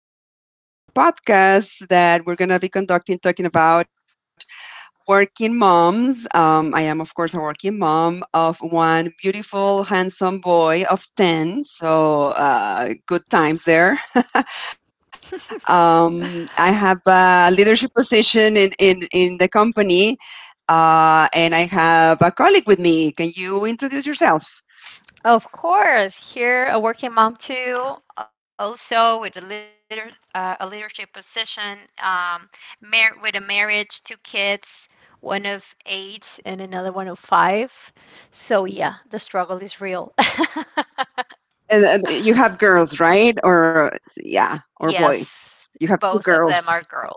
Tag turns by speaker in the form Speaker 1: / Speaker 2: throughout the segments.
Speaker 1: is a podcast that we're going to be conducting talking about working moms. I am, of course, a working mom of one beautiful, handsome boy of 10. So, good times there. I have a leadership position in the company, and I have a colleague with me. Can you introduce yourself?
Speaker 2: Of course, here a working mom too, also with a leadership position, mar with a marriage, two kids, one of 8 and another one of 5. So yeah, the struggle is real.
Speaker 1: And you have girls, right? Or, yeah, or boys.
Speaker 2: Yes,
Speaker 1: You
Speaker 2: both
Speaker 1: have
Speaker 2: of
Speaker 1: two
Speaker 2: them are
Speaker 1: girls.
Speaker 2: girls.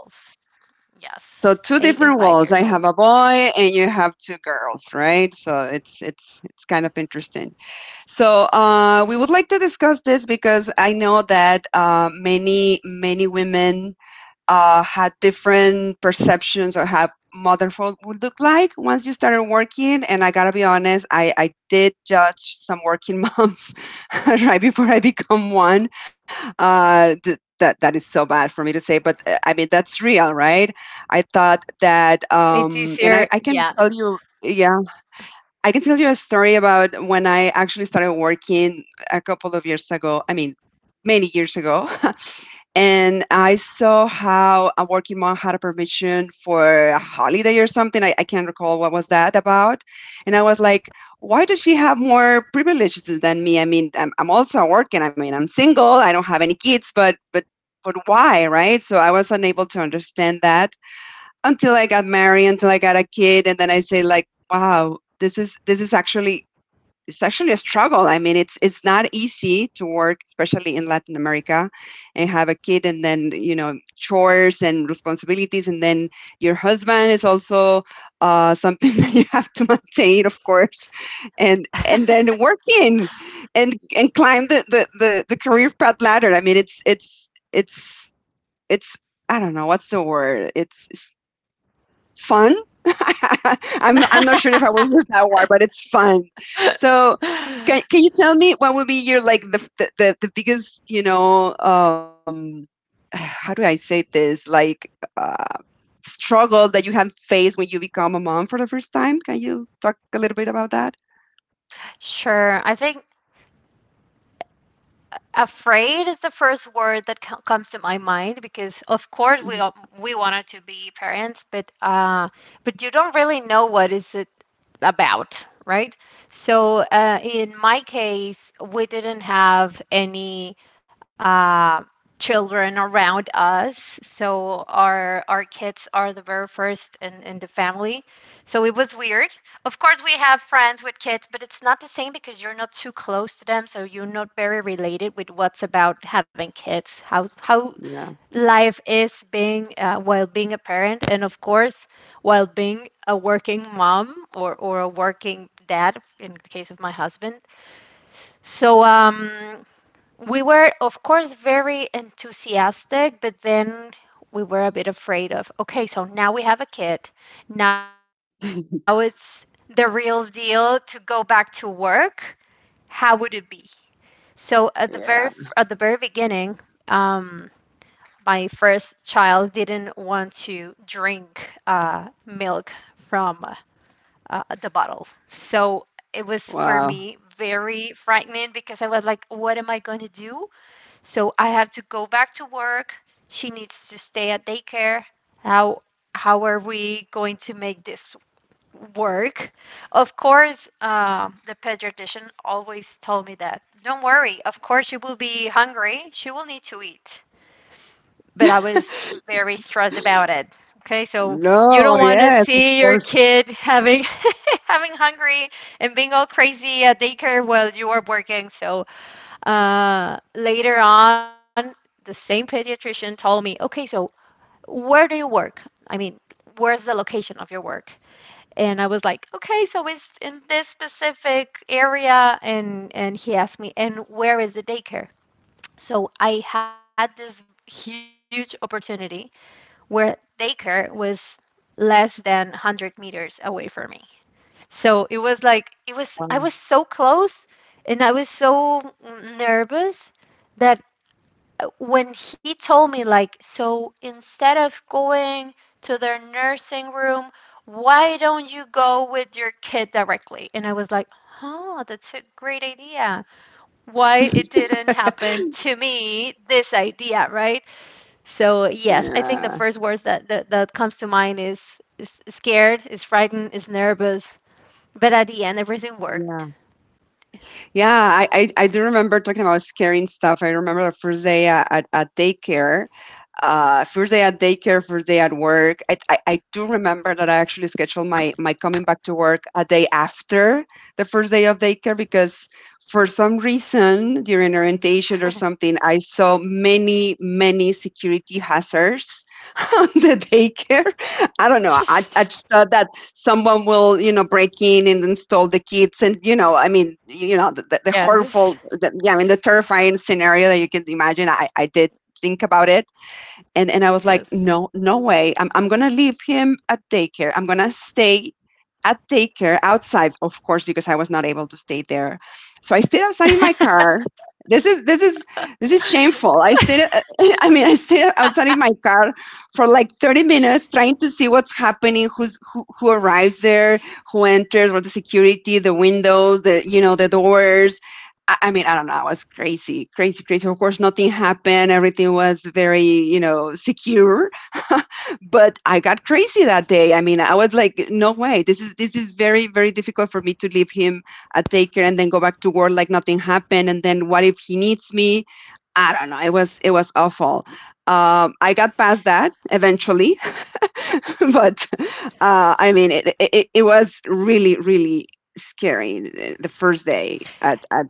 Speaker 2: Yes,
Speaker 1: So
Speaker 2: eight
Speaker 1: two
Speaker 2: and five
Speaker 1: different
Speaker 2: years old.
Speaker 1: walls. I have a boy and you have two girls, right? So it's kind of interesting. So we would like to discuss this because I know that many women had different perceptions or how motherhood would look like once you started working. And I gotta be honest, I did judge some working moms right before I become one. That is so bad for me to say, but I mean that's real, right? I thought
Speaker 2: It's
Speaker 1: that,
Speaker 2: easier, yeah.
Speaker 1: I can tell you. Yeah, I can tell you a story about when I actually started working a couple of years ago. I mean, many years ago. And I saw how a working mom had a permission for a holiday or something. I can't recall what was that about. And I was like, why does she have more privileges than me? I mean, I'm also working. I mean, I'm single. I don't have any kids, but but why, right? So I was unable to understand that until I got married, until I got a kid, and then I say like, wow, this is actually it's actually a struggle. I mean, it's not easy to work, especially in Latin America, and have a kid, and then you know chores and responsibilities, and then your husband is also something that you have to maintain, of course, and then working, and climb the career path ladder. I mean, it's I don't know what's the word. It's fun. I'm not sure if I will use that word, but it's fun. So can can you tell me what would be your like the biggest how do I say this like uh, struggle that you have faced when you become a mom for the first time? Can you talk a little bit about that?
Speaker 2: Sure. I think afraid is the first word that comes to my mind, because of course we
Speaker 1: Mhm.
Speaker 2: all, we wanted to be parents, but you don't really know what is it about, right? So, in my case we didn't have any uh, children around us, so our kids are the very first in the family. So it was weird. Of course, we have friends with kids, but it's not the same because you're not too close to them, so you're not very related with what's about having kids, how
Speaker 1: Yeah.
Speaker 2: life is being while being a parent, and of course, while being a working mom or a working dad in the case of my husband. So, we were, of course, very enthusiastic, but then we were a bit afraid of, okay, so now we have a kid. Now it's the real deal to go back to work. How would it be? So, at the very
Speaker 1: Yeah.
Speaker 2: beginning, um, my first child didn't want to drink milk from the bottle. So it was for me
Speaker 1: Wow.
Speaker 2: very frightening because I was like, what am I going to do? So I have to go back to work. She needs to stay at daycare. How how are we going to make this work? Of course, the pediatrician always told me that, don't worry. Of course, she will be hungry. She will need to eat. But I was very stressed about it. Okay, so you don't
Speaker 1: No.
Speaker 2: want to
Speaker 1: Yes. Of
Speaker 2: see your
Speaker 1: course.
Speaker 2: kid having having hungry and being all crazy at daycare while you are working. So, later on, the same pediatrician told me, okay, so where do you work? I mean, where's the location of your work? And I was like, okay, so it's in this specific area. And he asked me, and where is the daycare? So I had this huge opportunity where daycare was less than 100 meters away from me. So it was like, it was, I was
Speaker 1: Wow.
Speaker 2: so close and I was so nervous that when he told me, like, so instead of going to their nursing room, why don't you go with your kid directly? And I was like, oh, that's a great idea. Why it didn't happen to me this idea, right? So, yes,
Speaker 1: Yeah.
Speaker 2: I think the first words that comes to mind is scared, is frightened, is nervous, but at the end everything
Speaker 1: Yeah.
Speaker 2: worked.
Speaker 1: Yeah, I do remember talking about scaring stuff. I remember the first day at daycare first day at daycare, first day at work. I do remember that I actually scheduled my coming back to work a day after the first day of daycare because for some reason during orientation or something, I saw many security hazards on the daycare. I don't know. I, I just thought that someone will, you know, break in and install the kids. And, you know, I mean, you know, the
Speaker 2: yes
Speaker 1: horrible, the, yeah, I mean, the terrifying scenario that you can imagine. I did think about it. And I was like
Speaker 2: yes
Speaker 1: no no way I'm gonna leave him at daycare. I'm gonna stay at daycare outside, of course, because I was not able to stay there. So I stayed outside in my car. This is this is this is shameful. I stayed I mean I stayed outside in my car for like 30 minutes trying to see what's happening, who arrives there, who enters, or the security, the windows, the, you know, the doors. I mean, I don't know. I was crazy. Of course, nothing happened. Everything was very, you know, secure. But I got crazy that day. I mean, I was like, no way. This is very, difficult for me to leave him at daycare and then go back to work like nothing happened. And then what if he needs me? I don't know. It was awful. I got past that eventually. But I mean, it was really scary the first day at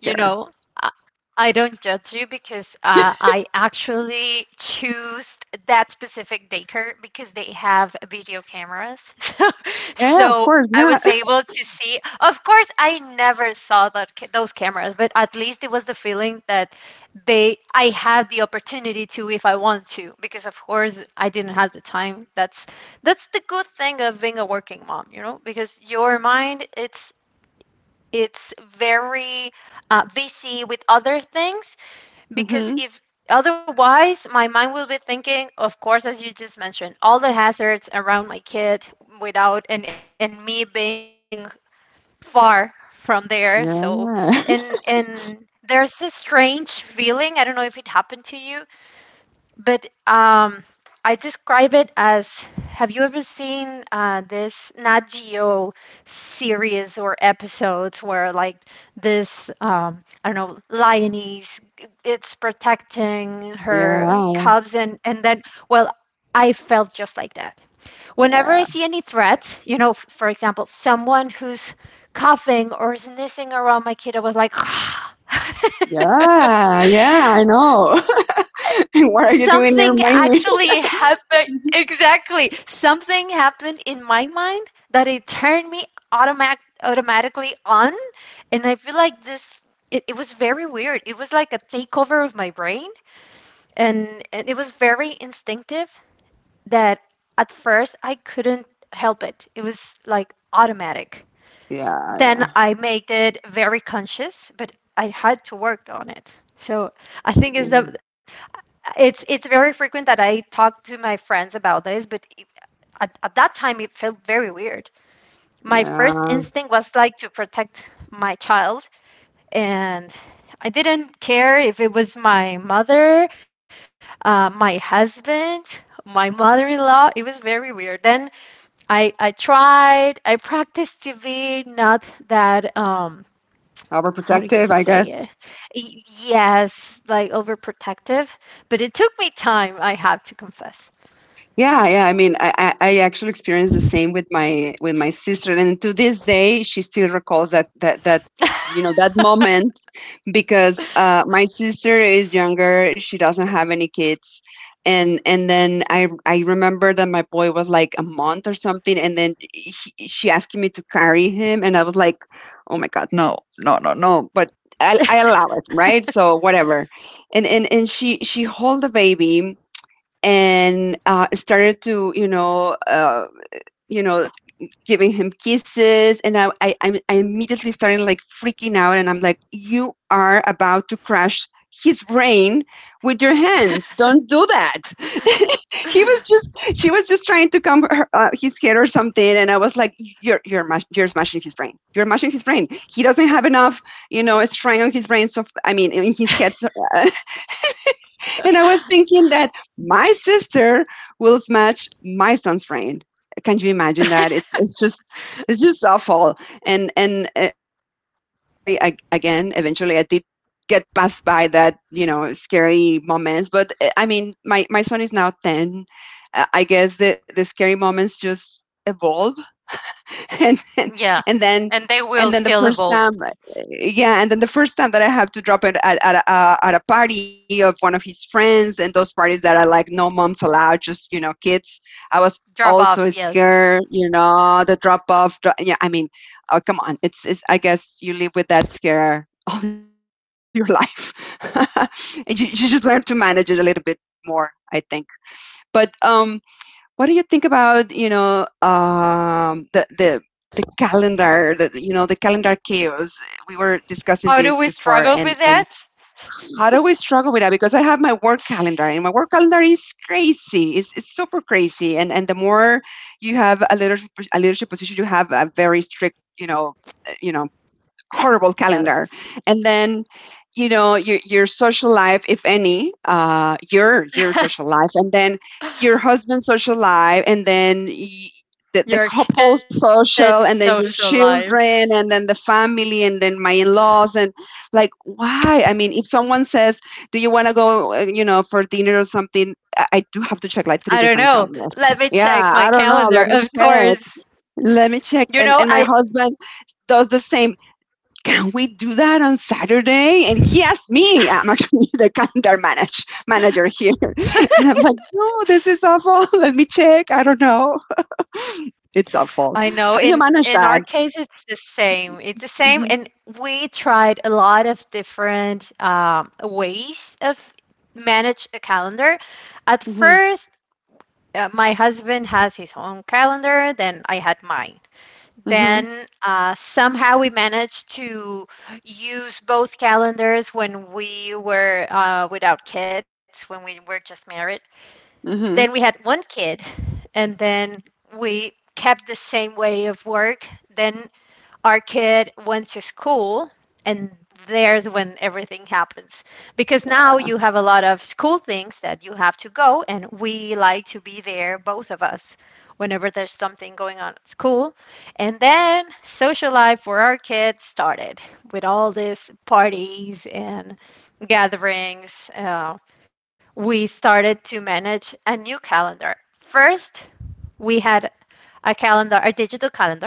Speaker 2: You know, I, I don't judge you, because I actually choose that specific daycare because they have video cameras. So,
Speaker 1: Yeah, of
Speaker 2: so
Speaker 1: course.
Speaker 2: I
Speaker 1: Yeah.
Speaker 2: was able to see. Of course, I never saw those cameras, but at least it was the feeling that they I had the opportunity to, if I want to, because of course I didn't have the time. That's the good thing of being a working mom, because your mind it's very busy with other things.
Speaker 1: Hmm.
Speaker 2: Because if otherwise my mind will be thinking, of course, as you just mentioned, all the hazards around my kid, without, and me being far from there. So,
Speaker 1: Yeah.
Speaker 2: and and there's this strange feeling, I don't know if it happened to you, but I describe it as, have you ever seen this Nat Geo series or episodes where, like, this, I don't know, lioness, it's protecting her
Speaker 1: Yeah.
Speaker 2: cubs, and then, well, I felt just like that. Whenever I
Speaker 1: Yeah.
Speaker 2: see any threat, for example, someone who's coughing or sneezing around my kid, I was like,
Speaker 1: Yeah. Yeah. I know. What are you
Speaker 2: Something
Speaker 1: doing near me?
Speaker 2: actually happened.
Speaker 1: Yeah.
Speaker 2: Exactly. Something happened in my mind that it turned me automatically on. And I feel like this, it was very weird. It was like a takeover of my brain. And it was very instinctive, that at first I couldn't help it. It was like automatic.
Speaker 1: Yeah.
Speaker 2: Then I made it very conscious, but I had to work on it. So, I think
Speaker 1: Mm,
Speaker 2: it's the, it's very frequent that I talk to my friends about this, but at that time it felt very weird. My first
Speaker 1: yeah.
Speaker 2: instinct was like to protect my child, and I didn't care if it was my mother, my husband, my mother-in-law. It was very weird. Then I tried, I practiced to be not that, how do
Speaker 1: Overprotective,
Speaker 2: you
Speaker 1: I
Speaker 2: say
Speaker 1: guess.
Speaker 2: it? Yes, like overprotective, but it took me time, I have to confess.
Speaker 1: Yeah, yeah. I mean, I actually experienced the same with my sister, and to this day, she still recalls that you know that moment because my sister is younger. She doesn't have any kids, and then I remember that my boy was like a month or something, and then he, she asked me to carry him, and I was like, oh my god, no, no, no, no. But I allow it, right? So whatever, and she hold the baby and started to you know giving him kisses and I immediately started like freaking out and I'm like you are about to crash his brain with your hands. Don't do that. He was just, she was just trying to come her, his head or something, and I was like you're smashing his brain, you're smashing his brain. He doesn't have enough, you know, strength on his brain, so I mean in his head. So, uh, and I was thinking that my sister will smash my son's brain. Can you imagine that? It's just it's just awful. And eventually, I, again, eventually, I did get passed by that, you know, scary moments. But I mean, my son is now ten. I guess the scary moments just evolve. And then
Speaker 2: Yeah,
Speaker 1: and then
Speaker 2: and they will
Speaker 1: the
Speaker 2: still
Speaker 1: first
Speaker 2: evolve,
Speaker 1: time, yeah, and then the first time that I have to drop it at a party of one of his friends, and those parties that are like no moms allowed, just you know kids. I was
Speaker 2: drop off.
Speaker 1: also
Speaker 2: Yes.
Speaker 1: scared, you know, the drop off, yeah, I mean, oh, come on, it's, I guess you live with that scare all your life. And you just learn to manage it a little bit more, I think. But what do you think about you know the calendar, the you know the calendar chaos? We were discussing this
Speaker 2: How do we
Speaker 1: before, and
Speaker 2: struggle with
Speaker 1: and
Speaker 2: that?
Speaker 1: how do we struggle with that, because I have my work calendar and my work calendar is crazy. It's super crazy, and the more you have a leadership position, you have a very strict, you know, you know, horrible
Speaker 2: Yes.
Speaker 1: calendar. And then, you know, your social life, if any, your social life, and then your husband's social life, and then the
Speaker 2: Your kid's
Speaker 1: couple's
Speaker 2: social
Speaker 1: social, and
Speaker 2: life.
Speaker 1: then your children, and then the family, and then my in-laws, and like, why? I mean, if someone says, do you want to go you know, for dinner or something, I do have to check like
Speaker 2: I
Speaker 1: three
Speaker 2: don't
Speaker 1: different
Speaker 2: know.
Speaker 1: calendars.
Speaker 2: Let me check
Speaker 1: Yeah,
Speaker 2: my
Speaker 1: I don't know,
Speaker 2: calendar.
Speaker 1: let me
Speaker 2: Of course.
Speaker 1: check.
Speaker 2: You
Speaker 1: And
Speaker 2: know,
Speaker 1: my
Speaker 2: I
Speaker 1: husband does the same. Can we do that on Saturday? And he asked me, I'm actually the calendar manager here. And I'm like, no, this is awful. Let me check. I don't know. It's
Speaker 2: I
Speaker 1: awful.
Speaker 2: know
Speaker 1: How
Speaker 2: in
Speaker 1: do you manage
Speaker 2: in our
Speaker 1: that?
Speaker 2: case it's the same. It's the same,
Speaker 1: Mm-hmm,
Speaker 2: and we tried a lot of different ways of manage a calendar. At
Speaker 1: mm-hmm,
Speaker 2: first, my husband has his own calendar, then I had mine.
Speaker 1: mm-hmm,
Speaker 2: Then, somehow we managed to use both calendars when we were, without kids, when we were just married. Then we
Speaker 1: mm-hmm,
Speaker 2: had one kid, and then we kept the same way of work. Then our kid went to school, and there's when everything happens because now you have a lot of school things that you have to go, and we like to be there both of us whenever there's something going on at school, and then social life for our kids started with all these parties and gatherings. We started to manage a new calendar. First, we had a calendar, a digital calendar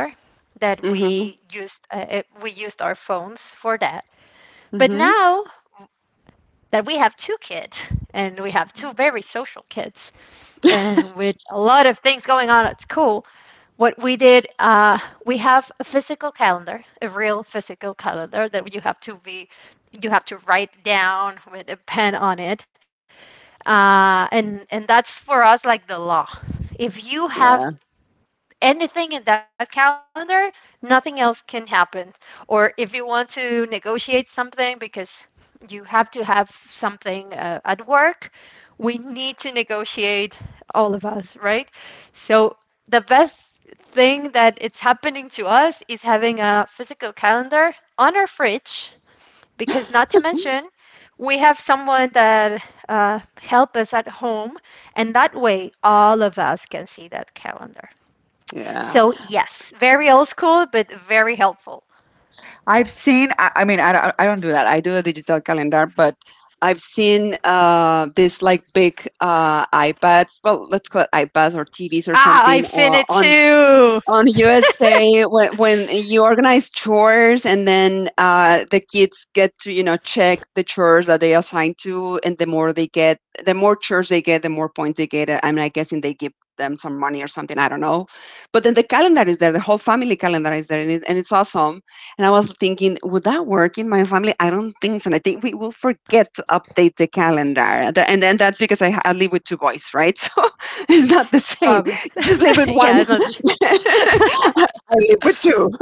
Speaker 2: that
Speaker 1: mm-hmm,
Speaker 2: we used. We used our phones for that. But
Speaker 1: mm-hmm.
Speaker 2: now that we have two kids, and we have two very social kids, and with a lot of things going on at school, what we did, we have a physical calendar, a real physical calendar that you have to be, you have to write down with a pen on it, and that's for us like the law. If you
Speaker 1: Yeah.
Speaker 2: have anything in that calendar, nothing else can happen. Or if you want to negotiate something because you have to have something, at work, we need to negotiate all of us, right? So the best thing that it's happening to us is having a physical calendar on our fridge, because not to mention we have someone that, help us at home, and that way all of us can see that calendar.
Speaker 1: Yeah.
Speaker 2: So, yes, very old school, but very helpful.
Speaker 1: I've seen, I mean, I don't do that. I do a digital calendar, but I've seen this like big iPads, well, let's call it iPads or TVs or
Speaker 2: Ah,
Speaker 1: something
Speaker 2: I've seen it
Speaker 1: on
Speaker 2: too.
Speaker 1: USA, when you organize chores, and then the kids get to you know check the chores that they assign to, and the more they get, the more chores they get, the more points they get. I mean, I guessing they give them some money or something. I don't know, but then the calendar is there, the whole family calendar is there, and it's awesome. And I was thinking, would that work in my family? I don't think so. And I think we will forget to update the calendar, and then that's because I live with two boys, right? So it's not the same.
Speaker 2: Rob.
Speaker 1: You just live with one.
Speaker 2: Yeah, no,
Speaker 1: I live with two.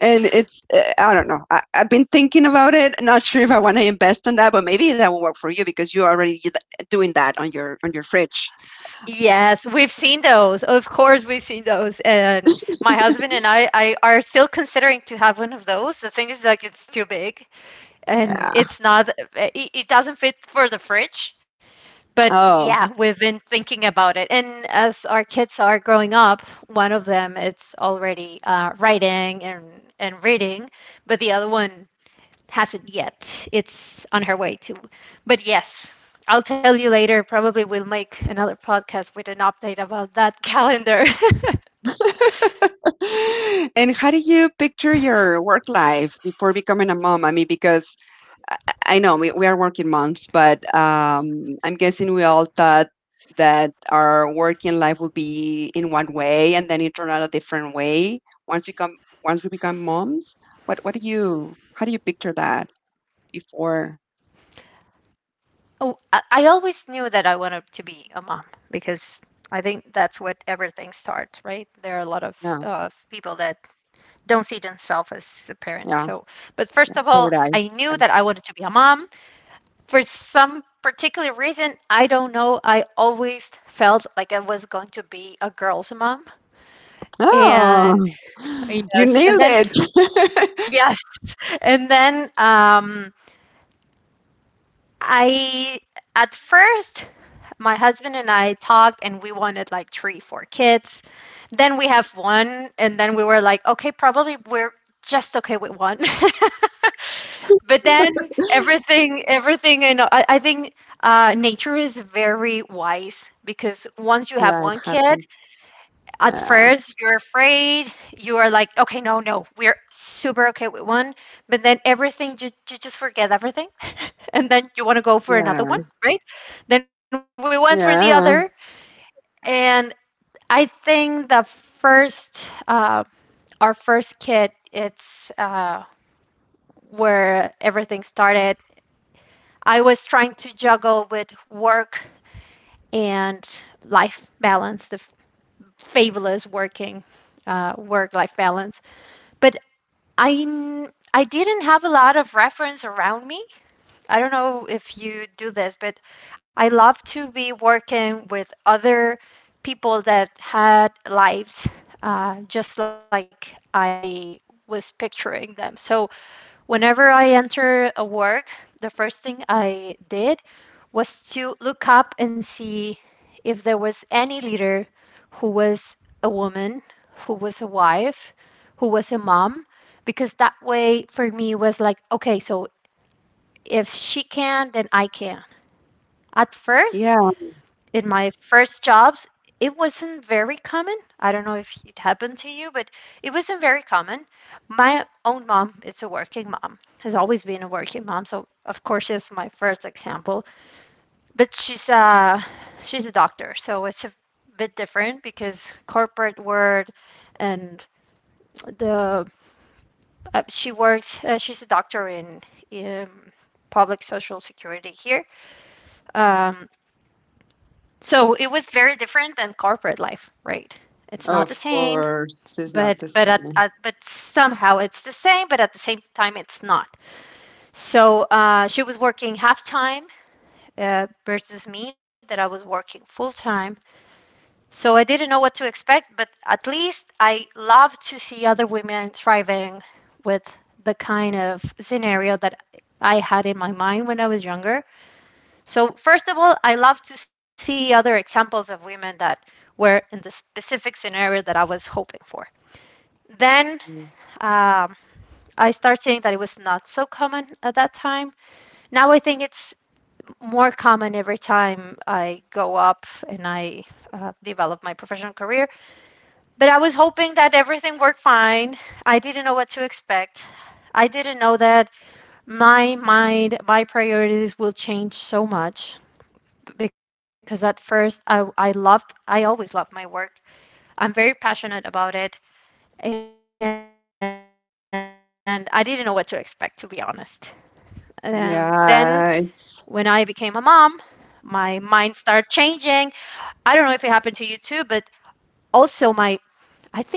Speaker 1: And it's, I don't know. I've been thinking about it. Not sure if I want to invest in that, but maybe that will work for you because you're already doing that on your fridge.
Speaker 2: yes, we've seen those. Of course, we've seen those. And my husband and I are still considering to have one of those. The thing is, like, it's too big, and
Speaker 1: Yeah.
Speaker 2: it's not, it doesn't fit for the fridge. But
Speaker 1: Oh.
Speaker 2: yeah, we've been thinking about it. And as our kids are growing up, one of them it's already writing and reading, but the other one hasn't yet. It's on her way to. But yes, I'll tell you later. Probably we'll make another podcast with an update about that calendar.
Speaker 1: And how do you picture your work life before becoming a mom? I mean, because I, I know we are working moms, but I'm guessing we all thought that our working life will be in one way and then it turned out a different way once we come once we become moms. What do you How do you picture that before?
Speaker 2: Oh, I always knew that I wanted to be a mom, because I think that's where everything starts, right? There are a lot of
Speaker 1: Yeah,
Speaker 2: people that don't see themselves as a parent. So,
Speaker 1: yeah,
Speaker 2: but first of all,
Speaker 1: yeah. So
Speaker 2: I
Speaker 1: did I.
Speaker 2: knew that I wanted
Speaker 1: And-
Speaker 2: to be a mom. For some particular reason, I don't know, I always felt like I was going to be a girl's mom. And
Speaker 1: Oh, you
Speaker 2: yes, and
Speaker 1: nailed
Speaker 2: then
Speaker 1: it.
Speaker 2: yes, and then, I at first my husband and I talked, and we wanted like three, four kids. Then we have one, and then we were like, okay, probably we're just okay with one. But then everything, I think nature is very wise, because once you
Speaker 1: Life
Speaker 2: have one
Speaker 1: happens.
Speaker 2: kid, at
Speaker 1: Yeah,
Speaker 2: first, you're afraid. You are like, okay, no, no, we're super okay with one. But then everything, you just forget everything. And then you want to go
Speaker 1: yeah,
Speaker 2: for another one, right? Then we went for the
Speaker 1: yeah,
Speaker 2: other. And I think our first kid, it's where everything started. I was trying to juggle with work and life balance, the fabulous work life balance. But I'm I didn't have a lot of reference around me. I don't know if you do this, but I love to be working with other people that had lives, just like I was picturing them. So whenever I enter a work, the first thing I did was to look up and see if there was any leader who was a woman, who was a wife, who was a mom, because that way for me was like, okay, so if she can, then I can. At
Speaker 1: yeah.
Speaker 2: first, in my first jobs, it wasn't very common. I don't know if it happened to you, but it wasn't very common. My own mom is a working mom, has always been a working mom, so of course she's my first example. But she's a doctor, so it's a bit different because corporate world and the she works she's a doctor in public social security here. Um, So it was very different than corporate life, right? It's not the
Speaker 1: Of
Speaker 2: same,
Speaker 1: course, it's not
Speaker 2: but
Speaker 1: the same.
Speaker 2: somehow it's the same, but at the same time it's not. So she was working half time versus me that I was working full time. So I didn't know what to expect, but at least I love to see other women thriving with the kind of scenario that I had in my mind when I was younger. So first of all, I love to see other examples of women that were in the specific scenario that I was hoping for. Then
Speaker 1: Mm.
Speaker 2: um, I start seeing that it was not so common at that time. Now I think it's more common every time I go up and I develop my professional career. But I was hoping that everything worked fine. I didn't know what to expect. I didn't know that my mind, my priorities will change so much because at first I always loved my work. I'm very passionate about it, and I didn't know what to expect, to be honest. And then when I became a mom,
Speaker 1: Yeah, it's
Speaker 2: my mind started changing. I don't know if it happened to you too, but also my I think it's like my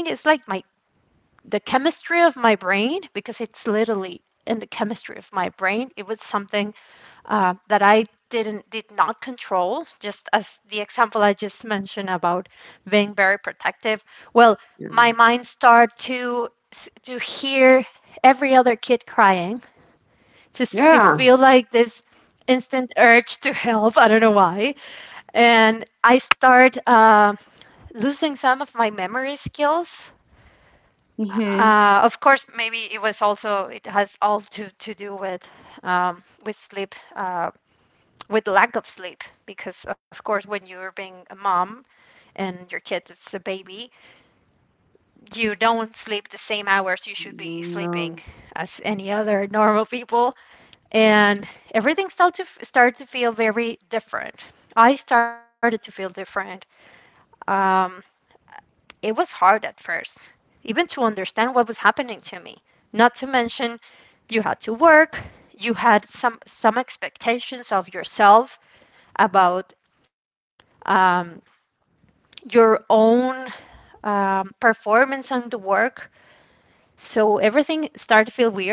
Speaker 2: the chemistry of my brain, because it's literally in the chemistry of my brain, it was something that I did not control. Just as the example I just mentioned about being very protective. Well, my mind
Speaker 1: yeah.
Speaker 2: started to hear every other kid crying, just to feel like
Speaker 1: Yeah.
Speaker 2: this instant urge to help. I don't know why, and I start. Losing some of my memory skills.
Speaker 1: Mhm.
Speaker 2: Of course, maybe it was also it has all to do with sleep, with lack of sleep, because of course when you're being a mom and your kid is a baby, you don't sleep the same hours you should be sleeping
Speaker 1: No.
Speaker 2: as any other normal people, and everything started to started to feel very different. I started to feel different. Um, It was hard at first, even to understand what was happening to me. Not to mention, you had to work, you had some expectations of yourself about um, your own performance and the work. So everything started to feel weird.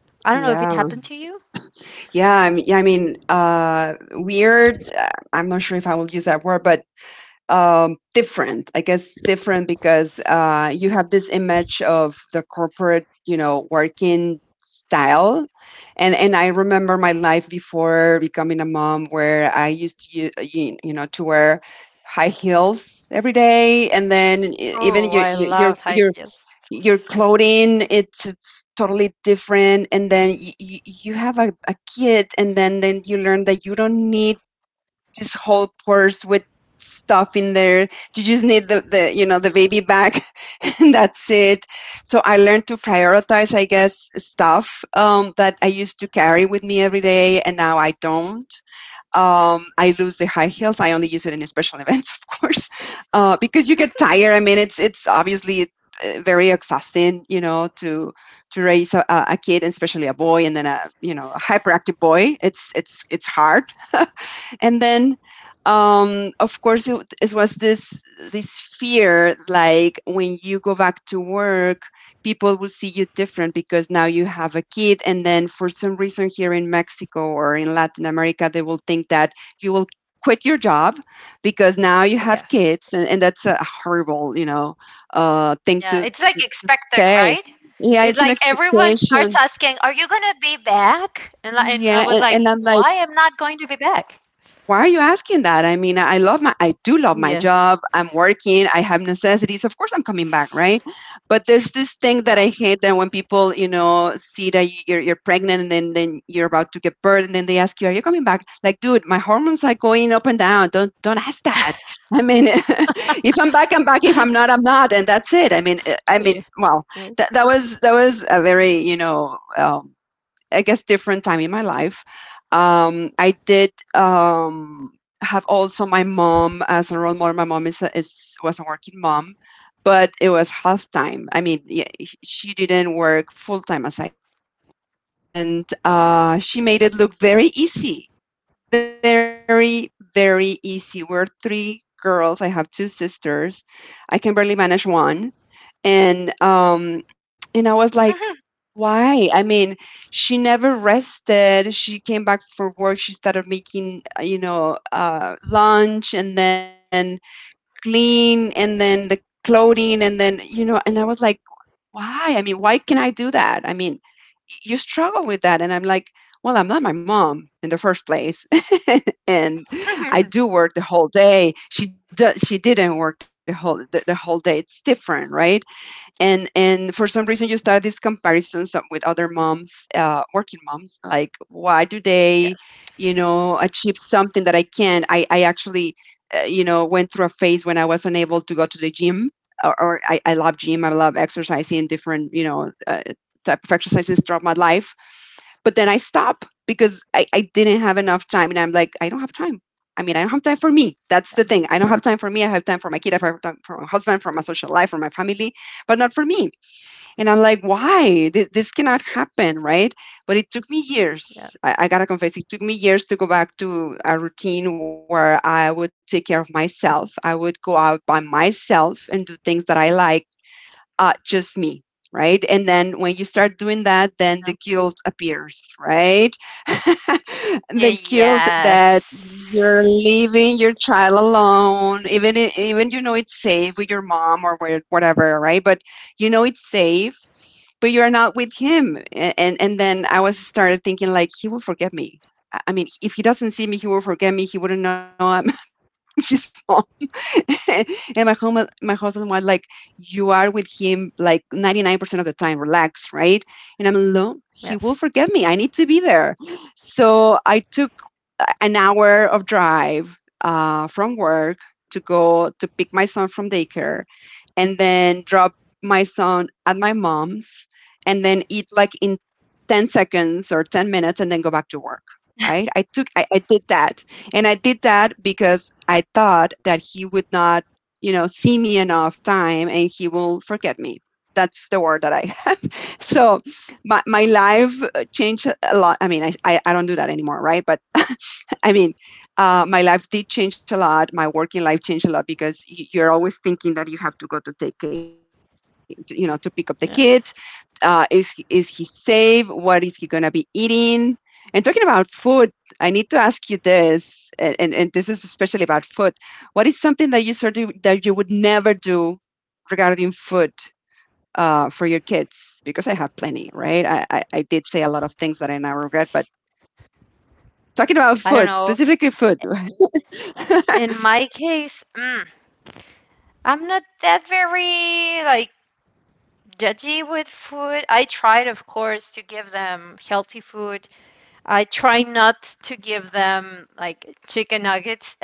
Speaker 2: I don't know if it
Speaker 1: Yeah.
Speaker 2: happened to you.
Speaker 1: Weird, I'm not sure if I will use that word, but, different. I guess different because, you have this image of the corporate, you know, working style, and I remember my life before becoming a mom where I used to u you know, to wear high heels every day, and then e even
Speaker 2: Oh, I loved hikes.
Speaker 1: your clothing, it's totally different, and then you have a kid and then you learn that you don't need this whole purse with stuff in there. You just need the, you know, the baby bag and that's it. So I learned to prioritize, I guess, stuff that I used to carry with me every day and now I don't. I lose the high heels. I only use it in special events, of course, because you get tired. I mean, it's obviously very exhausting, you know, to raise a kid, and especially a boy, and then a, you know, a hyperactive boy. It's it's hard. And then of course it was this this fear, like when you go back to work, people will see you different because now you have a kid. And then for some reason here in Mexico or in Latin America, they will think that you will quit your job because now you have
Speaker 2: Yes.
Speaker 1: kids. And that's a horrible, you know, thing
Speaker 2: Yeah,
Speaker 1: to
Speaker 2: it's like expected,
Speaker 1: say.
Speaker 2: right?
Speaker 1: Yeah,
Speaker 2: It's
Speaker 1: it's an
Speaker 2: like everyone starts
Speaker 1: expectation.
Speaker 2: asking, "Are you gonna be back?" And I
Speaker 1: yeah
Speaker 2: was
Speaker 1: and,
Speaker 2: like,
Speaker 1: and I'm like,
Speaker 2: "Why am not going to be back?"
Speaker 1: why are you asking that? I mean, I love my— I do love
Speaker 2: Yeah.
Speaker 1: my job. I'm working. I have necessities. Of course, I'm coming back, right? But there's this thing
Speaker 2: Yeah.
Speaker 1: that I hate, that when people, you know, see that you're pregnant and then you're about to give birth and then they ask you, "Are you coming back?" Like, dude, my hormones are going up and down. Don't ask that. I mean, if I'm back, I'm back. If I'm not, I'm not, and that's it. I mean,
Speaker 2: Yeah.
Speaker 1: well,
Speaker 2: Yeah.
Speaker 1: that was a very, you know. I guess, different time in my life. I did have also my mom as a role model. My mom is— was a working mom, but it was half time. I mean, yeah, she didn't work full time as I do, and she made it look very easy, very easy. We're three girls. I have two sisters. I can barely manage one, and um, and I was like, why? I mean, she never rested. She came back for work. She started making, you know, lunch and then clean and then the clothing and then, you know. And I was like, why? I mean, why can I do that? I mean, you struggle with that. And I'm like, well, I'm not my mom in the first place. And I do work the whole day. She didn't work the whole day. It's different, right? And for some reason you start these comparisons with other moms, working moms, like why do
Speaker 2: Yes.
Speaker 1: they, you know, achieve something that I can't. I actually, you know, went through a phase when I was unable to go to the gym. Or I love gym, I love exercising different, you know, type of exercises throughout my life, but then I stop because I didn't have enough time. And I'm like, I don't have time. I mean, I don't have time for me. That's the thing. I don't have time for me. I have time for my kid. I have time for my husband, for my social life, for my family, but not for me. And I'm like, why? This cannot happen, right? But it took me
Speaker 2: Yeah.
Speaker 1: years. I gotta confess, it took me years to go back to a routine where I would take care of myself. I would go out by myself and do things that I like, just me, right? And then when you
Speaker 2: Yeah.
Speaker 1: start doing that, then the guilt appears, right? The
Speaker 2: Yes.
Speaker 1: guilt that you're leaving your child alone, even— even, you know, it's safe with your mom or with whatever, right? But you know it's safe, but you're not with him. And and then I was started thinking like, he will forget me. I mean, if he doesn't see me, he will forget me. He wouldn't know I'm his mom. And my husband was like, you are with him like 99% of the time, relax, right? And I'm alone, he will
Speaker 2: Yes.
Speaker 1: forget me, I need to be there. So I took an hour of drive from work to go to pick my son from daycare and then drop my son at my mom's and then eat like in 10 seconds or 10 minutes and then go back to work, right? I did that, and I did that because I thought that he would not, you know, see me enough time and he will forget me. That's the word that I have. So my life changed a lot. I mean, I don't do that anymore, right? But I mean, my life did change a lot. My working life changed a lot because you're always thinking that you have to go to take, you know, to pick up the kid.
Speaker 2: Yes.
Speaker 1: Is is he safe? What is he gonna be eating? And talking about food, I need to ask you this, and this is especially about food. What is something that you would never do regarding food? For your kids, because I have plenty, right? I did say a lot of things that I now regret, but talking about
Speaker 2: I don't
Speaker 1: food,
Speaker 2: know.
Speaker 1: specifically food. Yeah,
Speaker 2: In my case, I'm not that very like judgy with food. I tried, of course, to give them healthy food. I try not to give them like chicken nuggets,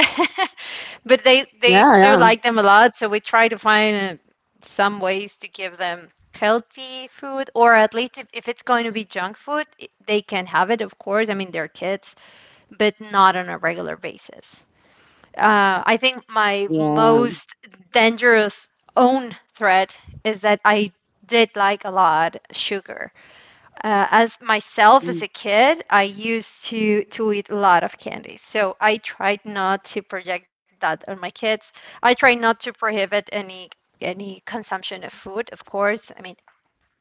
Speaker 2: but they
Speaker 1: yeah,
Speaker 2: do
Speaker 1: yeah.
Speaker 2: like them a lot. So we try to find some ways to give them healthy food, or at least if it's going to be junk food, they can have it, of course. I mean, they're kids, but not on a regular basis. I think my
Speaker 1: Yeah.
Speaker 2: most dangerous own threat is that I did like a lot sugar. As myself as
Speaker 1: Mm.
Speaker 2: a kid, I used to eat a lot of candy, so I tried not to project that on my kids. I try not to prohibit any consumption of food, of course. I mean,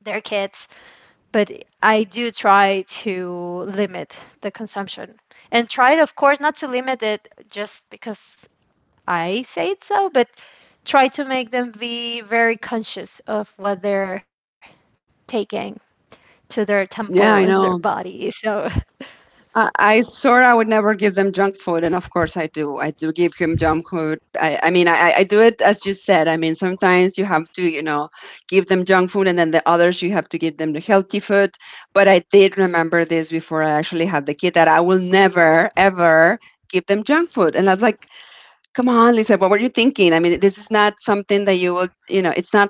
Speaker 2: they're kids, but I do try to limit the consumption and try, of course, not to limit it just because I say it so, but try to make them be very conscious of what they're taking to their temple and their
Speaker 1: Yeah, I
Speaker 2: body.
Speaker 1: know.
Speaker 2: So
Speaker 1: I swear I would never give them junk food, and of course I do. I do give him junk food. I do it as you said. I mean, sometimes you have to, you know, give them junk food, and then the others you have to give them the healthy food. But I did remember this before I actually had the kid, that I will never ever give them junk food. And I was like, come on, Lisa, what were you thinking? I mean, this is not something that you will, you know, it's not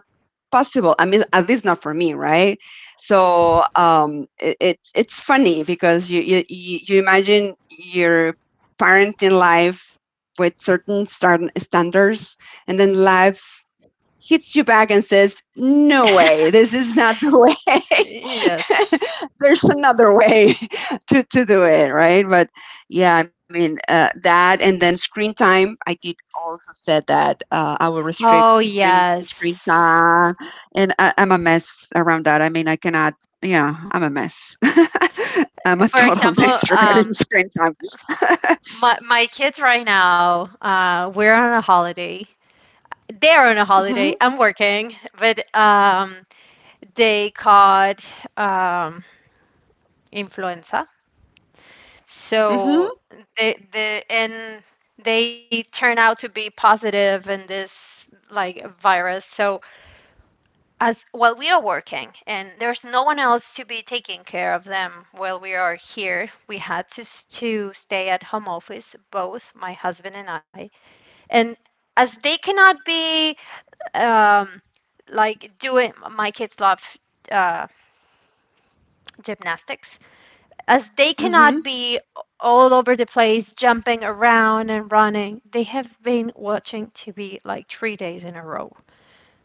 Speaker 1: possible. I mean, at least not for me, right? So it's funny because you imagine your parenting life with certain standards, and then life hits you back and says, "No way, this is not the way."
Speaker 2: Yes.
Speaker 1: There's another way to do it, right? But yeah, I mean, that and then screen time. I did also said that I will restrict
Speaker 2: Oh,
Speaker 1: screen
Speaker 2: yes.
Speaker 1: time. And I'm a mess around that. I mean, I cannot, yeah, I'm a mess. I'm a
Speaker 2: For
Speaker 1: total
Speaker 2: example,
Speaker 1: mess regarding screen time.
Speaker 2: my my kids right now, we're on a holiday. They're on a
Speaker 1: Hmm.
Speaker 2: holiday. I'm working, but they caught um, influenza.
Speaker 1: Hmm.
Speaker 2: So they the and they turn out to be positive in this like virus. So as while we are working and there's no one else to be taking care of them while we are here, we had to stay at home office, both my husband and I. And as they cannot be um, like doing, my kids love uh, gymnastics. As they
Speaker 1: Hmm.
Speaker 2: cannot be all over the place jumping around and running, they have been watching tv like 3 days in a row.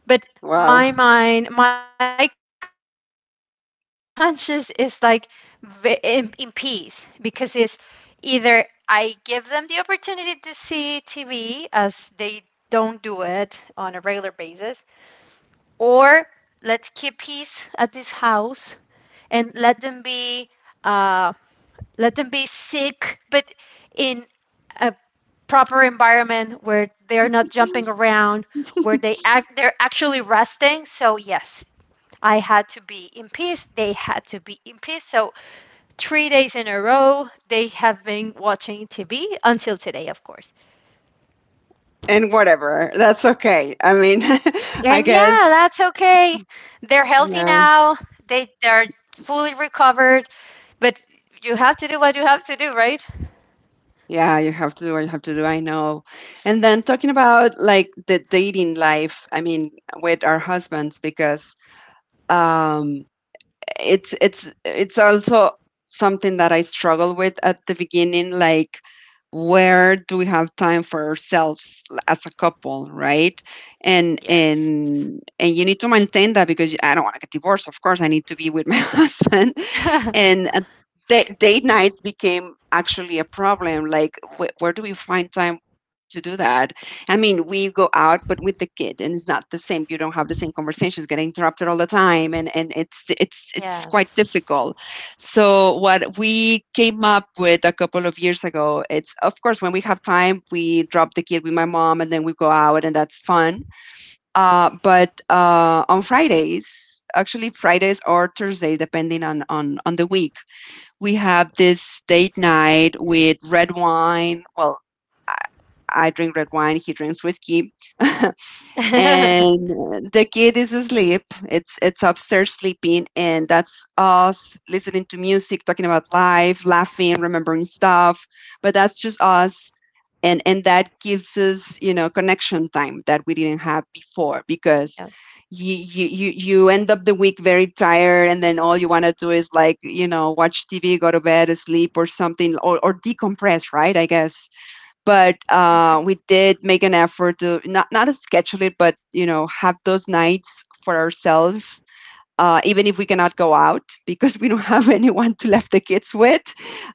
Speaker 2: But my
Speaker 1: Wow.
Speaker 2: mind, my conscience is like in peace, because it's either I give them the opportunity to see tv as they don't do it on a regular basis, or let's keep peace at this house and let them be, uh, let them be sick, but in a proper environment where they're not jumping around, where they're actually resting. So yes, I had to be in peace. They had to be in peace. So, 3 days in a row, they have been watching TV until today, of course.
Speaker 1: And whatever. That's okay. I mean,
Speaker 2: And
Speaker 1: I
Speaker 2: yeah,
Speaker 1: guess.
Speaker 2: that's okay. They're healthy
Speaker 1: Yeah.
Speaker 2: now. They're fully recovered. But you have to do what you have to do, right?
Speaker 1: Yeah, you have to do what you have to do. I know. And then talking about like the dating life, I mean, with our husbands, because um, it's also something that I struggle with at the beginning, like where do we have time for ourselves, as a couple, right? And
Speaker 2: Yes.
Speaker 1: and and you need to maintain that because I don't want to get divorced. Of course, I need to be with my husband. And date nights became actually a problem, like where do we find time to do that? I mean, we go out, but with the kid, and it's not the same. You don't have the same conversations, getting interrupted all the time, and it's it's quite
Speaker 2: Yes.
Speaker 1: difficult. So what we came up with a couple of years ago, it's of course when we have time, we drop the kid with my mom and then we go out and that's fun. But On Fridays, actually Fridays or Thursdays, depending on, on the week, we have this date night with red wine. Well, I, I drink red wine, he drinks whiskey, uh, and
Speaker 2: Yes.
Speaker 1: the kid is asleep, it's upstairs sleeping, and that's us listening to music, talking about life, laughing, remembering stuff. But that's just us. And that gives us connection time that we didn't have
Speaker 2: Yes.
Speaker 1: before, because you end up the week very tired, and then all you want to do is like, watch TV, go to bed, sleep, or something, or decompress, right, I guess. But we did make an effort to not to schedule it, but you know, have those nights for ourselves, even if we cannot go out because we don't have anyone to left the kids with.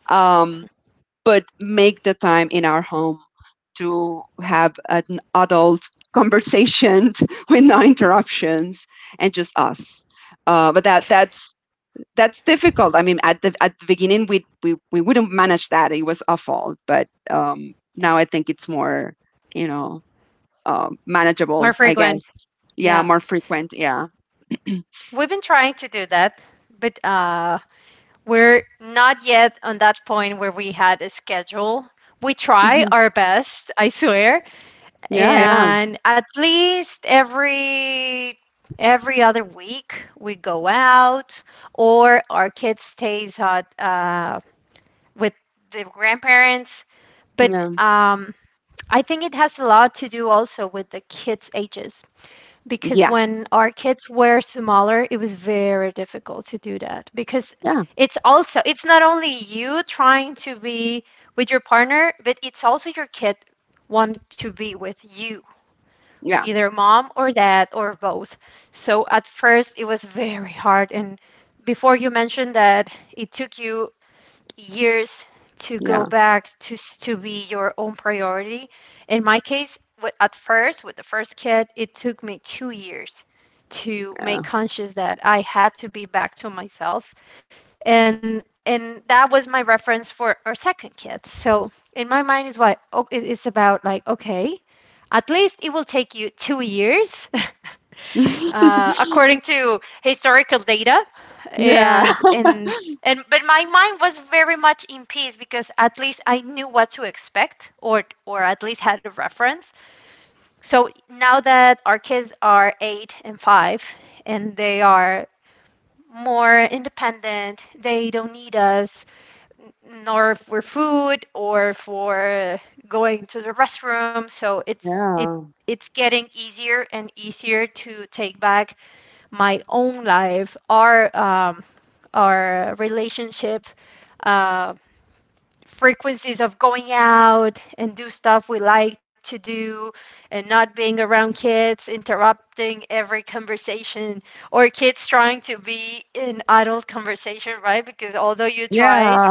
Speaker 1: Um, but make the time in our home to have an adult conversation with no interruptions, and just us. But that's that's difficult. I mean, at the beginning, we wouldn't manage that. It was awful, but
Speaker 2: Yeah.
Speaker 1: now I think it's more, you know,
Speaker 2: More
Speaker 1: manageable, I guess.
Speaker 2: frequent.
Speaker 1: Yeah,
Speaker 2: Yeah.
Speaker 1: more frequent. Yeah.
Speaker 2: We've been trying to do that, but we're not yet on that point where we had a schedule. We try
Speaker 1: Hmm.
Speaker 2: our best, I swear.
Speaker 1: Yeah, yeah,
Speaker 2: And at least every other week we go out, or our kid stays at, with the grandparents. But
Speaker 1: yeah,
Speaker 2: um, I think it has a lot to do also with the kids' ages, because
Speaker 1: yeah,
Speaker 2: when our kids were smaller it was very difficult to do that, because
Speaker 1: yeah,
Speaker 2: it's also it's not only you trying to be with your partner, but it's also your kid want to be with you,
Speaker 1: yeah,
Speaker 2: either mom or dad or both. So at first it was very hard, and before you mentioned that it took you years to
Speaker 1: yeah, yeah.
Speaker 2: go back to be your own priority. In my case, at first with the first kid, it took me 2 years to make conscious that I had to be back to myself, and that was my reference for our second kid. So in my mind is why oh, it's about like okay, at least it will take you 2 years, according to historical data,
Speaker 1: Yeah,
Speaker 2: and and and but my mind was very much in peace because at least I knew what to expect, or at least had a reference. So now that our kids are 8 and 5 and they are more independent. They don't need us, nor for food or for going to the restroom. So
Speaker 1: yeah,
Speaker 2: it's getting easier and easier to take back my own life, our relationship, uh, frequencies of going out and do stuff we like to do, and not being around kids interrupting every conversation, or kids trying to be in adult conversation, right? Because although you try,
Speaker 1: yeah,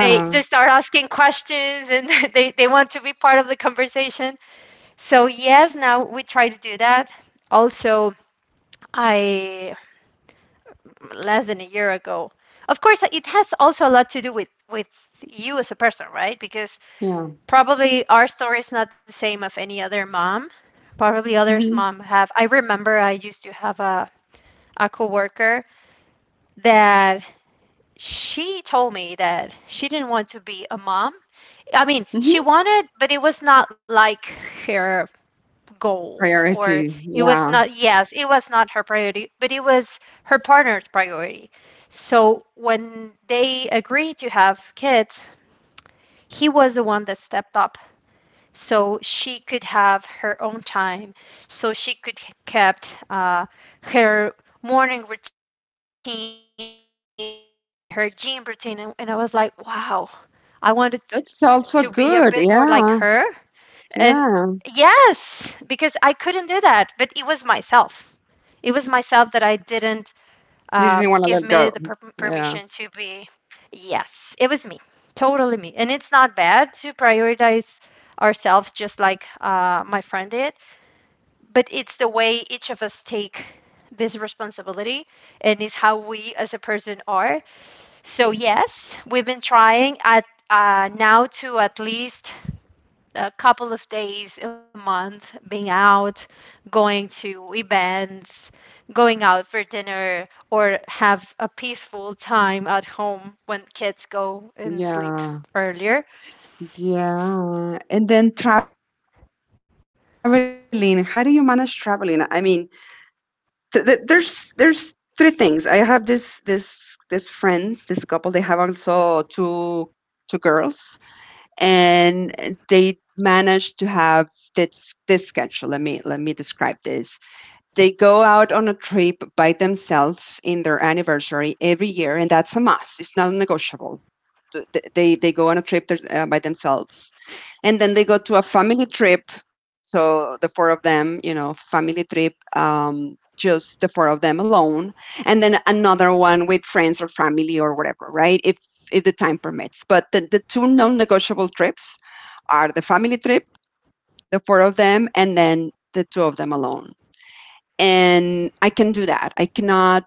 Speaker 2: they start asking questions and they want to be part of the conversation. So yes, now we try to do that. Also, I less than a year ago, of course, it has also a lot to do with you as a person, right? Because
Speaker 1: yeah.
Speaker 2: probably our story is not the same of any other mom. Probably others
Speaker 1: Hmm.
Speaker 2: mom have. I remember I used to have a coworker that she told me that she didn't want to be a mom. I mean, she
Speaker 1: Hmm.
Speaker 2: wanted, but it was not like her goal or
Speaker 1: Priority.
Speaker 2: it was
Speaker 1: Yeah,
Speaker 2: not yes, it was not her priority, but it was her partner's priority. So when they agreed to have kids, he was the one that stepped up so she could have her own time, so she could kept her morning routine, her gym routine. And I was like, wow, I wanted to be a bit more like
Speaker 1: that's
Speaker 2: her.
Speaker 1: also good.
Speaker 2: And
Speaker 1: Yeah,
Speaker 2: yes,
Speaker 1: yeah.
Speaker 2: because I couldn't do that. But it was myself that I didn't give me the
Speaker 1: You didn't want to let
Speaker 2: permission
Speaker 1: go.
Speaker 2: to be.
Speaker 1: Yeah.
Speaker 2: Yes, it was me, totally me. And it's not bad to prioritize ourselves, just like my friend did. But it's the way each of us take this responsibility, and it's how we as a person are. So yes, we've been trying at now to at least a couple of days a month being out, going to events, going out for dinner, or have a peaceful time at home when kids go and sleep
Speaker 1: Yeah,
Speaker 2: earlier.
Speaker 1: yeah. And then traveling, how do you manage traveling? I mean, th th there's three things. I have this friends, this couple, they have also two two girls, and they manage to have this schedule. Let me describe this. They go out on a trip by themselves in their anniversary every year, and that's a must. It's not negotiable. They go on a trip there, by themselves, and then they go to a family trip, so the four of them, you know, family trip, just the four of them alone. And then another one with friends or family or whatever, right, if the time permits. But the two non-negotiable trips are the family trip, the four of them, and then the two of them alone. And I can do that. I cannot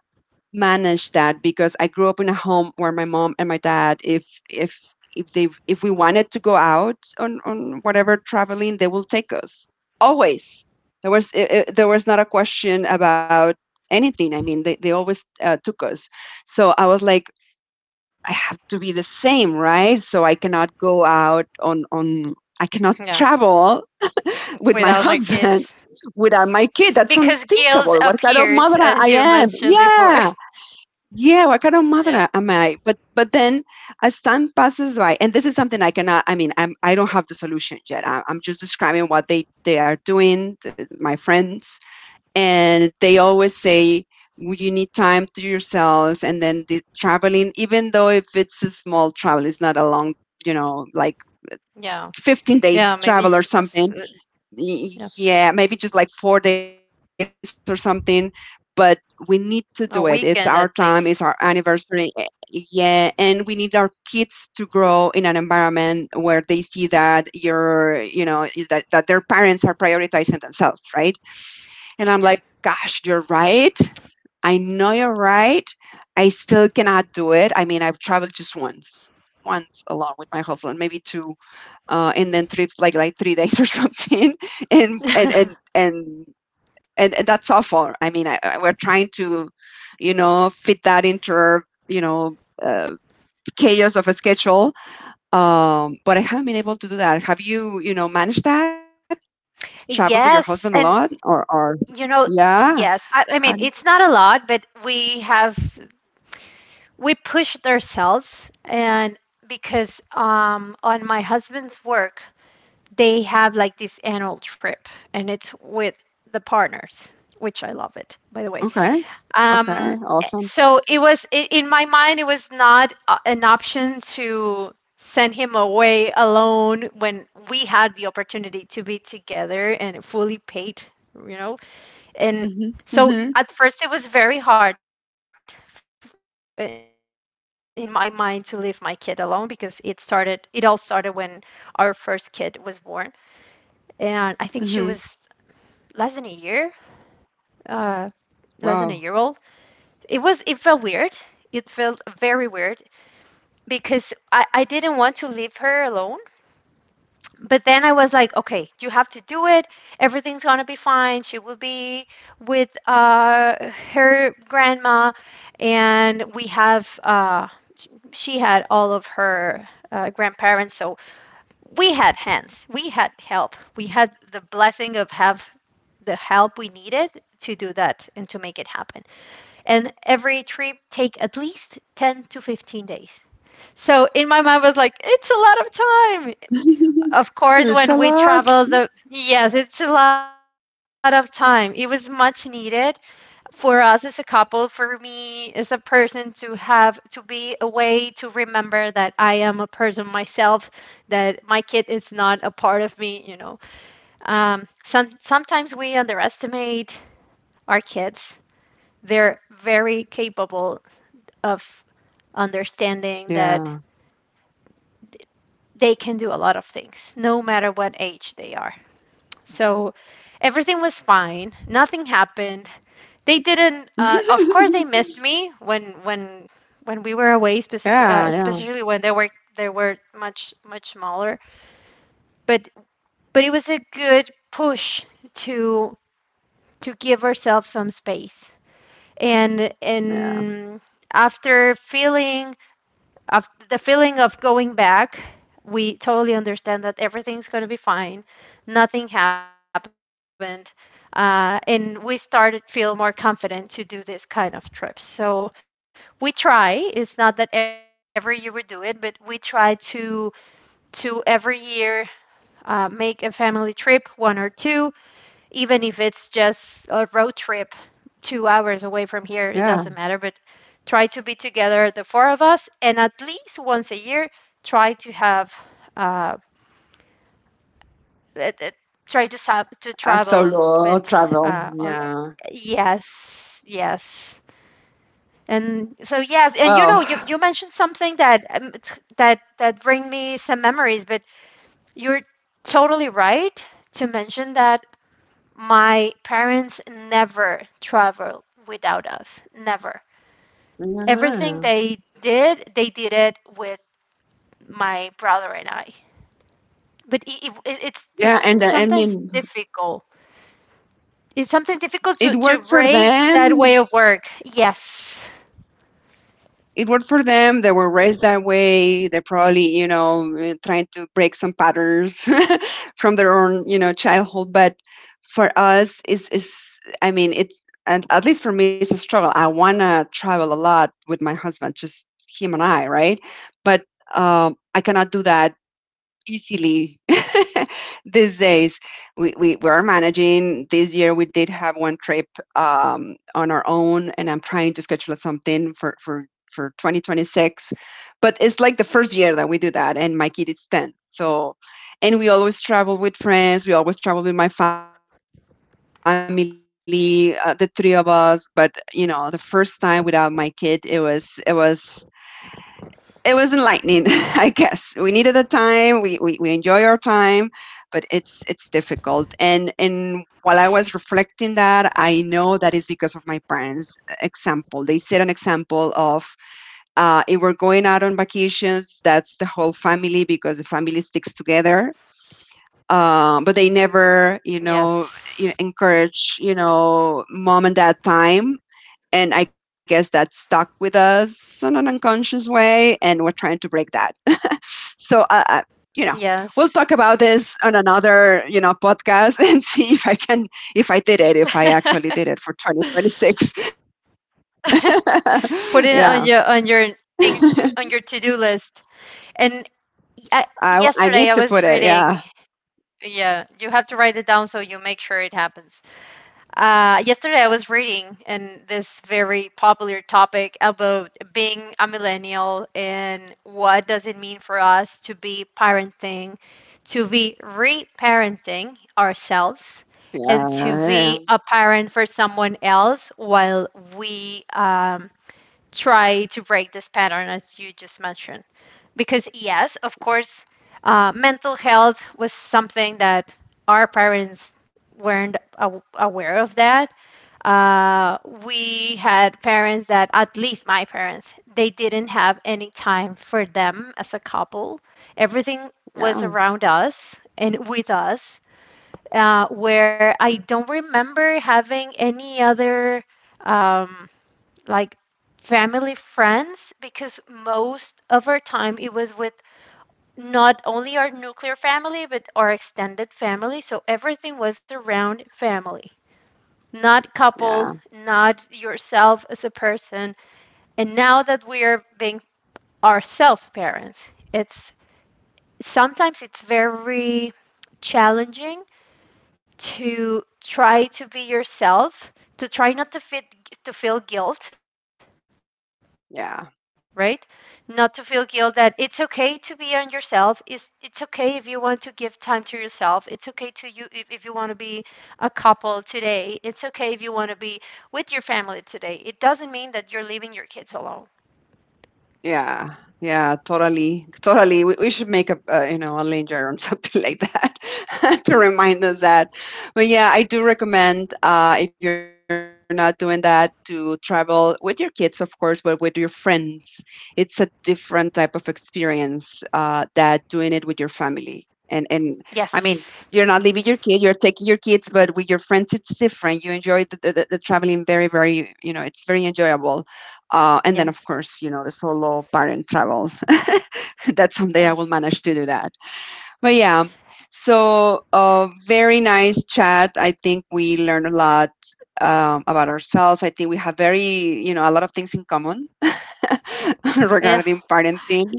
Speaker 1: manage that, because I grew up in a home where my mom and my dad, if they if we wanted to go out on whatever traveling, they will take us always. There was there was not a question about anything. I mean, they always took us. So I was like, I have to be the same, right? So I cannot go
Speaker 2: Yeah,
Speaker 1: out on on. I cannot
Speaker 2: without my kids.
Speaker 1: travel with my
Speaker 2: Because
Speaker 1: husband
Speaker 2: guilt
Speaker 1: without my kid.
Speaker 2: appears,
Speaker 1: That's
Speaker 2: as you mentioned
Speaker 1: unthinkable. What kind
Speaker 2: before.
Speaker 1: of mother I am? Yeah,
Speaker 2: Yeah,
Speaker 1: yeah, what kind of mother am I? But then as time passes by, and this is something I cannot. I mean, I don't have the solution yet. I, I'm just describing what they are doing. My friends, and they always say, You need time to yourselves, and then the traveling, even though if it's a small travel, it's not a long, you know, like
Speaker 2: yeah,
Speaker 1: 15
Speaker 2: yeah.
Speaker 1: days
Speaker 2: Maybe
Speaker 1: travel or
Speaker 2: just,
Speaker 1: something."
Speaker 2: yeah,
Speaker 1: Y- Yeah, maybe just like 4 days or something, but we need to do it. It's our
Speaker 2: a
Speaker 1: time, it's
Speaker 2: weekend
Speaker 1: our
Speaker 2: at least.
Speaker 1: anniversary. Yeah, and we need our kids to grow in an environment where they see that you're, you know, that their parents are prioritizing themselves, right? And I'm
Speaker 2: Yeah.
Speaker 1: like, gosh, you're right. I know you're right. I still cannot do it. I mean, I've traveled just once, once alone with my husband, maybe two, and then trips like 3 days or something. and and and and and, and that's awful. I mean, we're trying to, you know, fit that into our, you know, uh, chaos of a schedule. But I haven't been able to do that. Have you, you know, managed that, traveled with your husband a
Speaker 2: Yes,
Speaker 1: lot,
Speaker 2: and
Speaker 1: or
Speaker 2: you know,
Speaker 1: yeah.
Speaker 2: yes.
Speaker 1: How
Speaker 2: I, I mean, it's not a lot, but we pushed ourselves. And because on my husband's work, they have like this annual trip, and it's with the partners, which I love it, by the way.
Speaker 1: Okay. Okay,
Speaker 2: Um,
Speaker 1: awesome.
Speaker 2: so it was in my mind, it was not an option to send him away alone when we had the opportunity to be together and fully paid, you know. And
Speaker 1: Hmm.
Speaker 2: so
Speaker 1: Hmm.
Speaker 2: at first, it was very hard in my mind to leave my kid alone, because it all started when our first kid was born. And I think she was less than a year,
Speaker 1: Hmm.
Speaker 2: uh, less than a year old. It was,
Speaker 1: Wow.
Speaker 2: it felt weird. It felt very weird, because I didn't want to leave her alone. But then I was like, okay, you have to do it. Everything's gonna be fine. She will be with her grandma, and we have she had all of her grandparents. So we had hands, we had help, we had the blessing of have the help we needed to do that and to make it happen. And every trip take at least 10 to 15 days. So in my mind was like, it's a lot of time. Of course,
Speaker 1: It's a
Speaker 2: when we
Speaker 1: lot.
Speaker 2: travel, the yes, it's a lot of time. It was much needed for us as a couple, for me as a person to have to be away, to remember that I am a person myself, that my kid is not a part of me. You know, sometimes we underestimate our kids. They're very capable of understanding that
Speaker 1: Yeah.
Speaker 2: they can do a lot of things, no matter what age they are. So everything was fine. Nothing happened. They didn't. Uh, of course, they missed me when we were away,
Speaker 1: Yeah, yeah,
Speaker 2: especially when they were much smaller. But but it was a good push to to give ourselves some space.
Speaker 1: yeah.
Speaker 2: And after feeling of the feeling of going back, we totally understand that everything's going to be fine. Nothing happened. And we started to feel more confident to do this kind of trips. So we try, it's not that every year we do it, but we try to every year make a family trip, one or two, even if it's just a road trip 2 hours away from here, it
Speaker 1: Yeah,
Speaker 2: doesn't matter. But try to be together, the four of us, and at least once a year, try to have, uh, it, it- to
Speaker 1: a
Speaker 2: travel with,
Speaker 1: solo travel.
Speaker 2: uh, on,
Speaker 1: Yeah.
Speaker 2: yes, yes. And so yes, and you know,
Speaker 1: Well,
Speaker 2: you mentioned something that t- that that bring me some memories. But you're totally right to mention that. My parents never traveled without us. Never. Everything
Speaker 1: yeah.
Speaker 2: they did it with my brother and I. But
Speaker 1: Yeah,
Speaker 2: it's
Speaker 1: and I
Speaker 2: sometimes
Speaker 1: mean,
Speaker 2: difficult. It's sometimes difficult
Speaker 1: it
Speaker 2: to
Speaker 1: worked for
Speaker 2: break that way
Speaker 1: them.
Speaker 2: of work. Yes.
Speaker 1: It worked for them. They were raised that way. They probably, you know, trying to break some patterns from their own, you know, childhood. But for us, is I mean, it, and at least for me, it's a struggle. I wanna travel a lot with my husband, just him and I, right? But I cannot do that easily these days. We were managing this year. We did have one trip, on our own, and I'm trying to schedule something for for 2026. But it's like the first year that we do that, and my kid is 10. So, and we always travel with friends. We always travel with my family, the three of us. But you know, the first time without my kid, it was it was it was enlightening. I guess we needed the time. We enjoy our time, but it's difficult. And while I was reflecting that, I know that is because of my parents' example. They set an example of, if we're going out on vacations, that's the whole family, because the family sticks together. But
Speaker 2: Yes.
Speaker 1: they never, you know, encourage, you know, mom and dad time. And I guess that's stuck with us in an unconscious way, and we're trying to break that. So
Speaker 2: Yes.
Speaker 1: you know we'll talk about this on another, you know, podcast and see if I can, if I did it, if I actually did it for 2026.
Speaker 2: Put
Speaker 1: Yeah.
Speaker 2: it on your things, on your to-do list. And I,
Speaker 1: I need to
Speaker 2: yesterday I
Speaker 1: put it,
Speaker 2: was
Speaker 1: yeah.
Speaker 2: reading, yeah, you have to write it down so you make sure it happens. Yesterday, I was reading and this very popular topic about being a millennial, and what does it mean for us to be parenting, to be reparenting ourselves, and to be
Speaker 1: Yeah,
Speaker 2: a parent for someone else while we try to break this pattern as you just mentioned. Because yes, of course, mental health was something that our parents weren't aware of that. uh, we had parents that, at least my parents, they didn't have any time for them as a couple. Everything was
Speaker 1: yeah,
Speaker 2: around us and with us. Where I don't remember having any other um, like family, friends, because most of our time it was with not only our nuclear family, but our extended family. So everything was around family, not couple,
Speaker 1: yeah,
Speaker 2: not yourself as a person. And now that we are being ourself parents, it's sometimes it's very challenging to try to be yourself, to try not to fit, to feel guilt, right? Not
Speaker 1: yeah.
Speaker 2: to feel guilt that it's okay to be on yourself. It's okay if you want to give time to yourself. It's okay to you if you want to be a couple today. It's okay if you want to be with your family today. It doesn't mean that you're leaving your kids alone.
Speaker 1: Yeah, yeah, totally, totally. We should make a, you know, a linger on something like that to remind us that. But yeah, I do recommend, if you're not doing that, to travel with your kids, of course, but with your friends. It's a different type of experience, that doing it with your family. And I mean, you're
Speaker 2: Yes.
Speaker 1: not leaving your kid, you're taking your kids, but with your friends, it's different. You enjoy the traveling very, very, you know, it's very enjoyable. And then, of
Speaker 2: Yes.
Speaker 1: course, you know, the solo parent travels. That someday I
Speaker 2: Yes.
Speaker 1: will manage to do that. But yeah, so very nice chat. I think we learned a lot, about ourselves. I think we have very, you know, a lot of things in common regarding
Speaker 2: Yes.
Speaker 1: parenting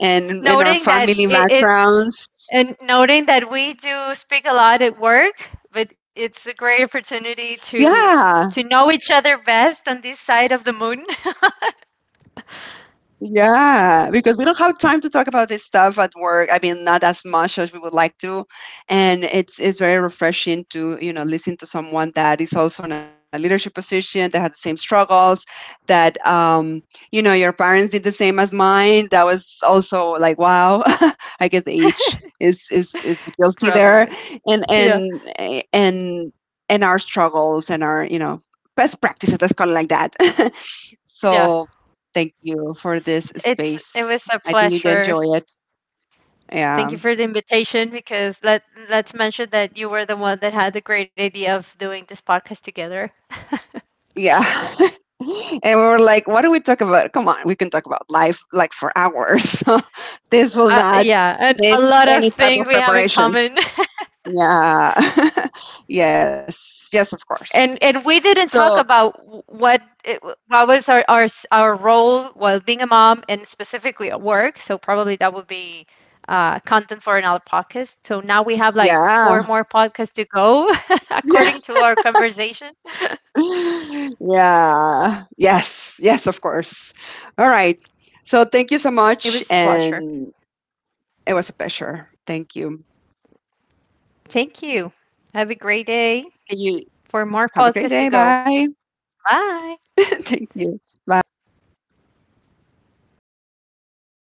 Speaker 1: and our
Speaker 2: Noting that
Speaker 1: family
Speaker 2: it
Speaker 1: backgrounds.
Speaker 2: and noting that we do speak a lot at work, but it's a great opportunity to
Speaker 1: Yeah.
Speaker 2: know each other best on this side of the moon,
Speaker 1: Yeah, because we don't have time to talk about this stuff at work. I mean, not as much as we would like to. And it's very refreshing to, you know, listen to someone that is also in a leadership position, that has the same struggles, that you know, your parents did the same as mine. That was also like, wow, I guess age is is guilty there.
Speaker 2: probably.
Speaker 1: And
Speaker 2: Yeah.
Speaker 1: and and and our struggles and our, you know, best practices, let's call it like that.
Speaker 2: Yeah.
Speaker 1: So, thank you for this
Speaker 2: It
Speaker 1: space.
Speaker 2: was a
Speaker 1: I did
Speaker 2: pleasure.
Speaker 1: enjoy it.
Speaker 2: Thank you
Speaker 1: Yeah.
Speaker 2: for the invitation, because let's mention that you were the one that had the great idea of doing this podcast together.
Speaker 1: Yeah. And we were like, what do we talk about? Come on, we can talk about life like for
Speaker 2: Uh,
Speaker 1: hours.
Speaker 2: yeah, and a lot
Speaker 1: This
Speaker 2: of
Speaker 1: will not
Speaker 2: things we have in
Speaker 1: need
Speaker 2: common.
Speaker 1: any type of preparations. Yeah.
Speaker 2: And
Speaker 1: Yes.
Speaker 2: and
Speaker 1: Yes,
Speaker 2: we
Speaker 1: of
Speaker 2: didn't
Speaker 1: course.
Speaker 2: talk about
Speaker 1: So,
Speaker 2: what it, what was our role while being a mom, and specifically at work. So probably that would be content for another podcast. So now we have like four more
Speaker 1: yeah.
Speaker 2: podcasts to go according to our
Speaker 1: Yeah.
Speaker 2: conversation.
Speaker 1: Yeah. Yes. Yes, of course. All right. So, thank you so
Speaker 2: It
Speaker 1: much.
Speaker 2: was a pleasure.
Speaker 1: And it was a pleasure. Thank you.
Speaker 2: Thank you. Have a great day.
Speaker 1: And you
Speaker 2: For more
Speaker 1: have a great
Speaker 2: podcasts
Speaker 1: day.
Speaker 2: to go.
Speaker 1: Bye.
Speaker 2: Bye.
Speaker 1: Thank you. Bye.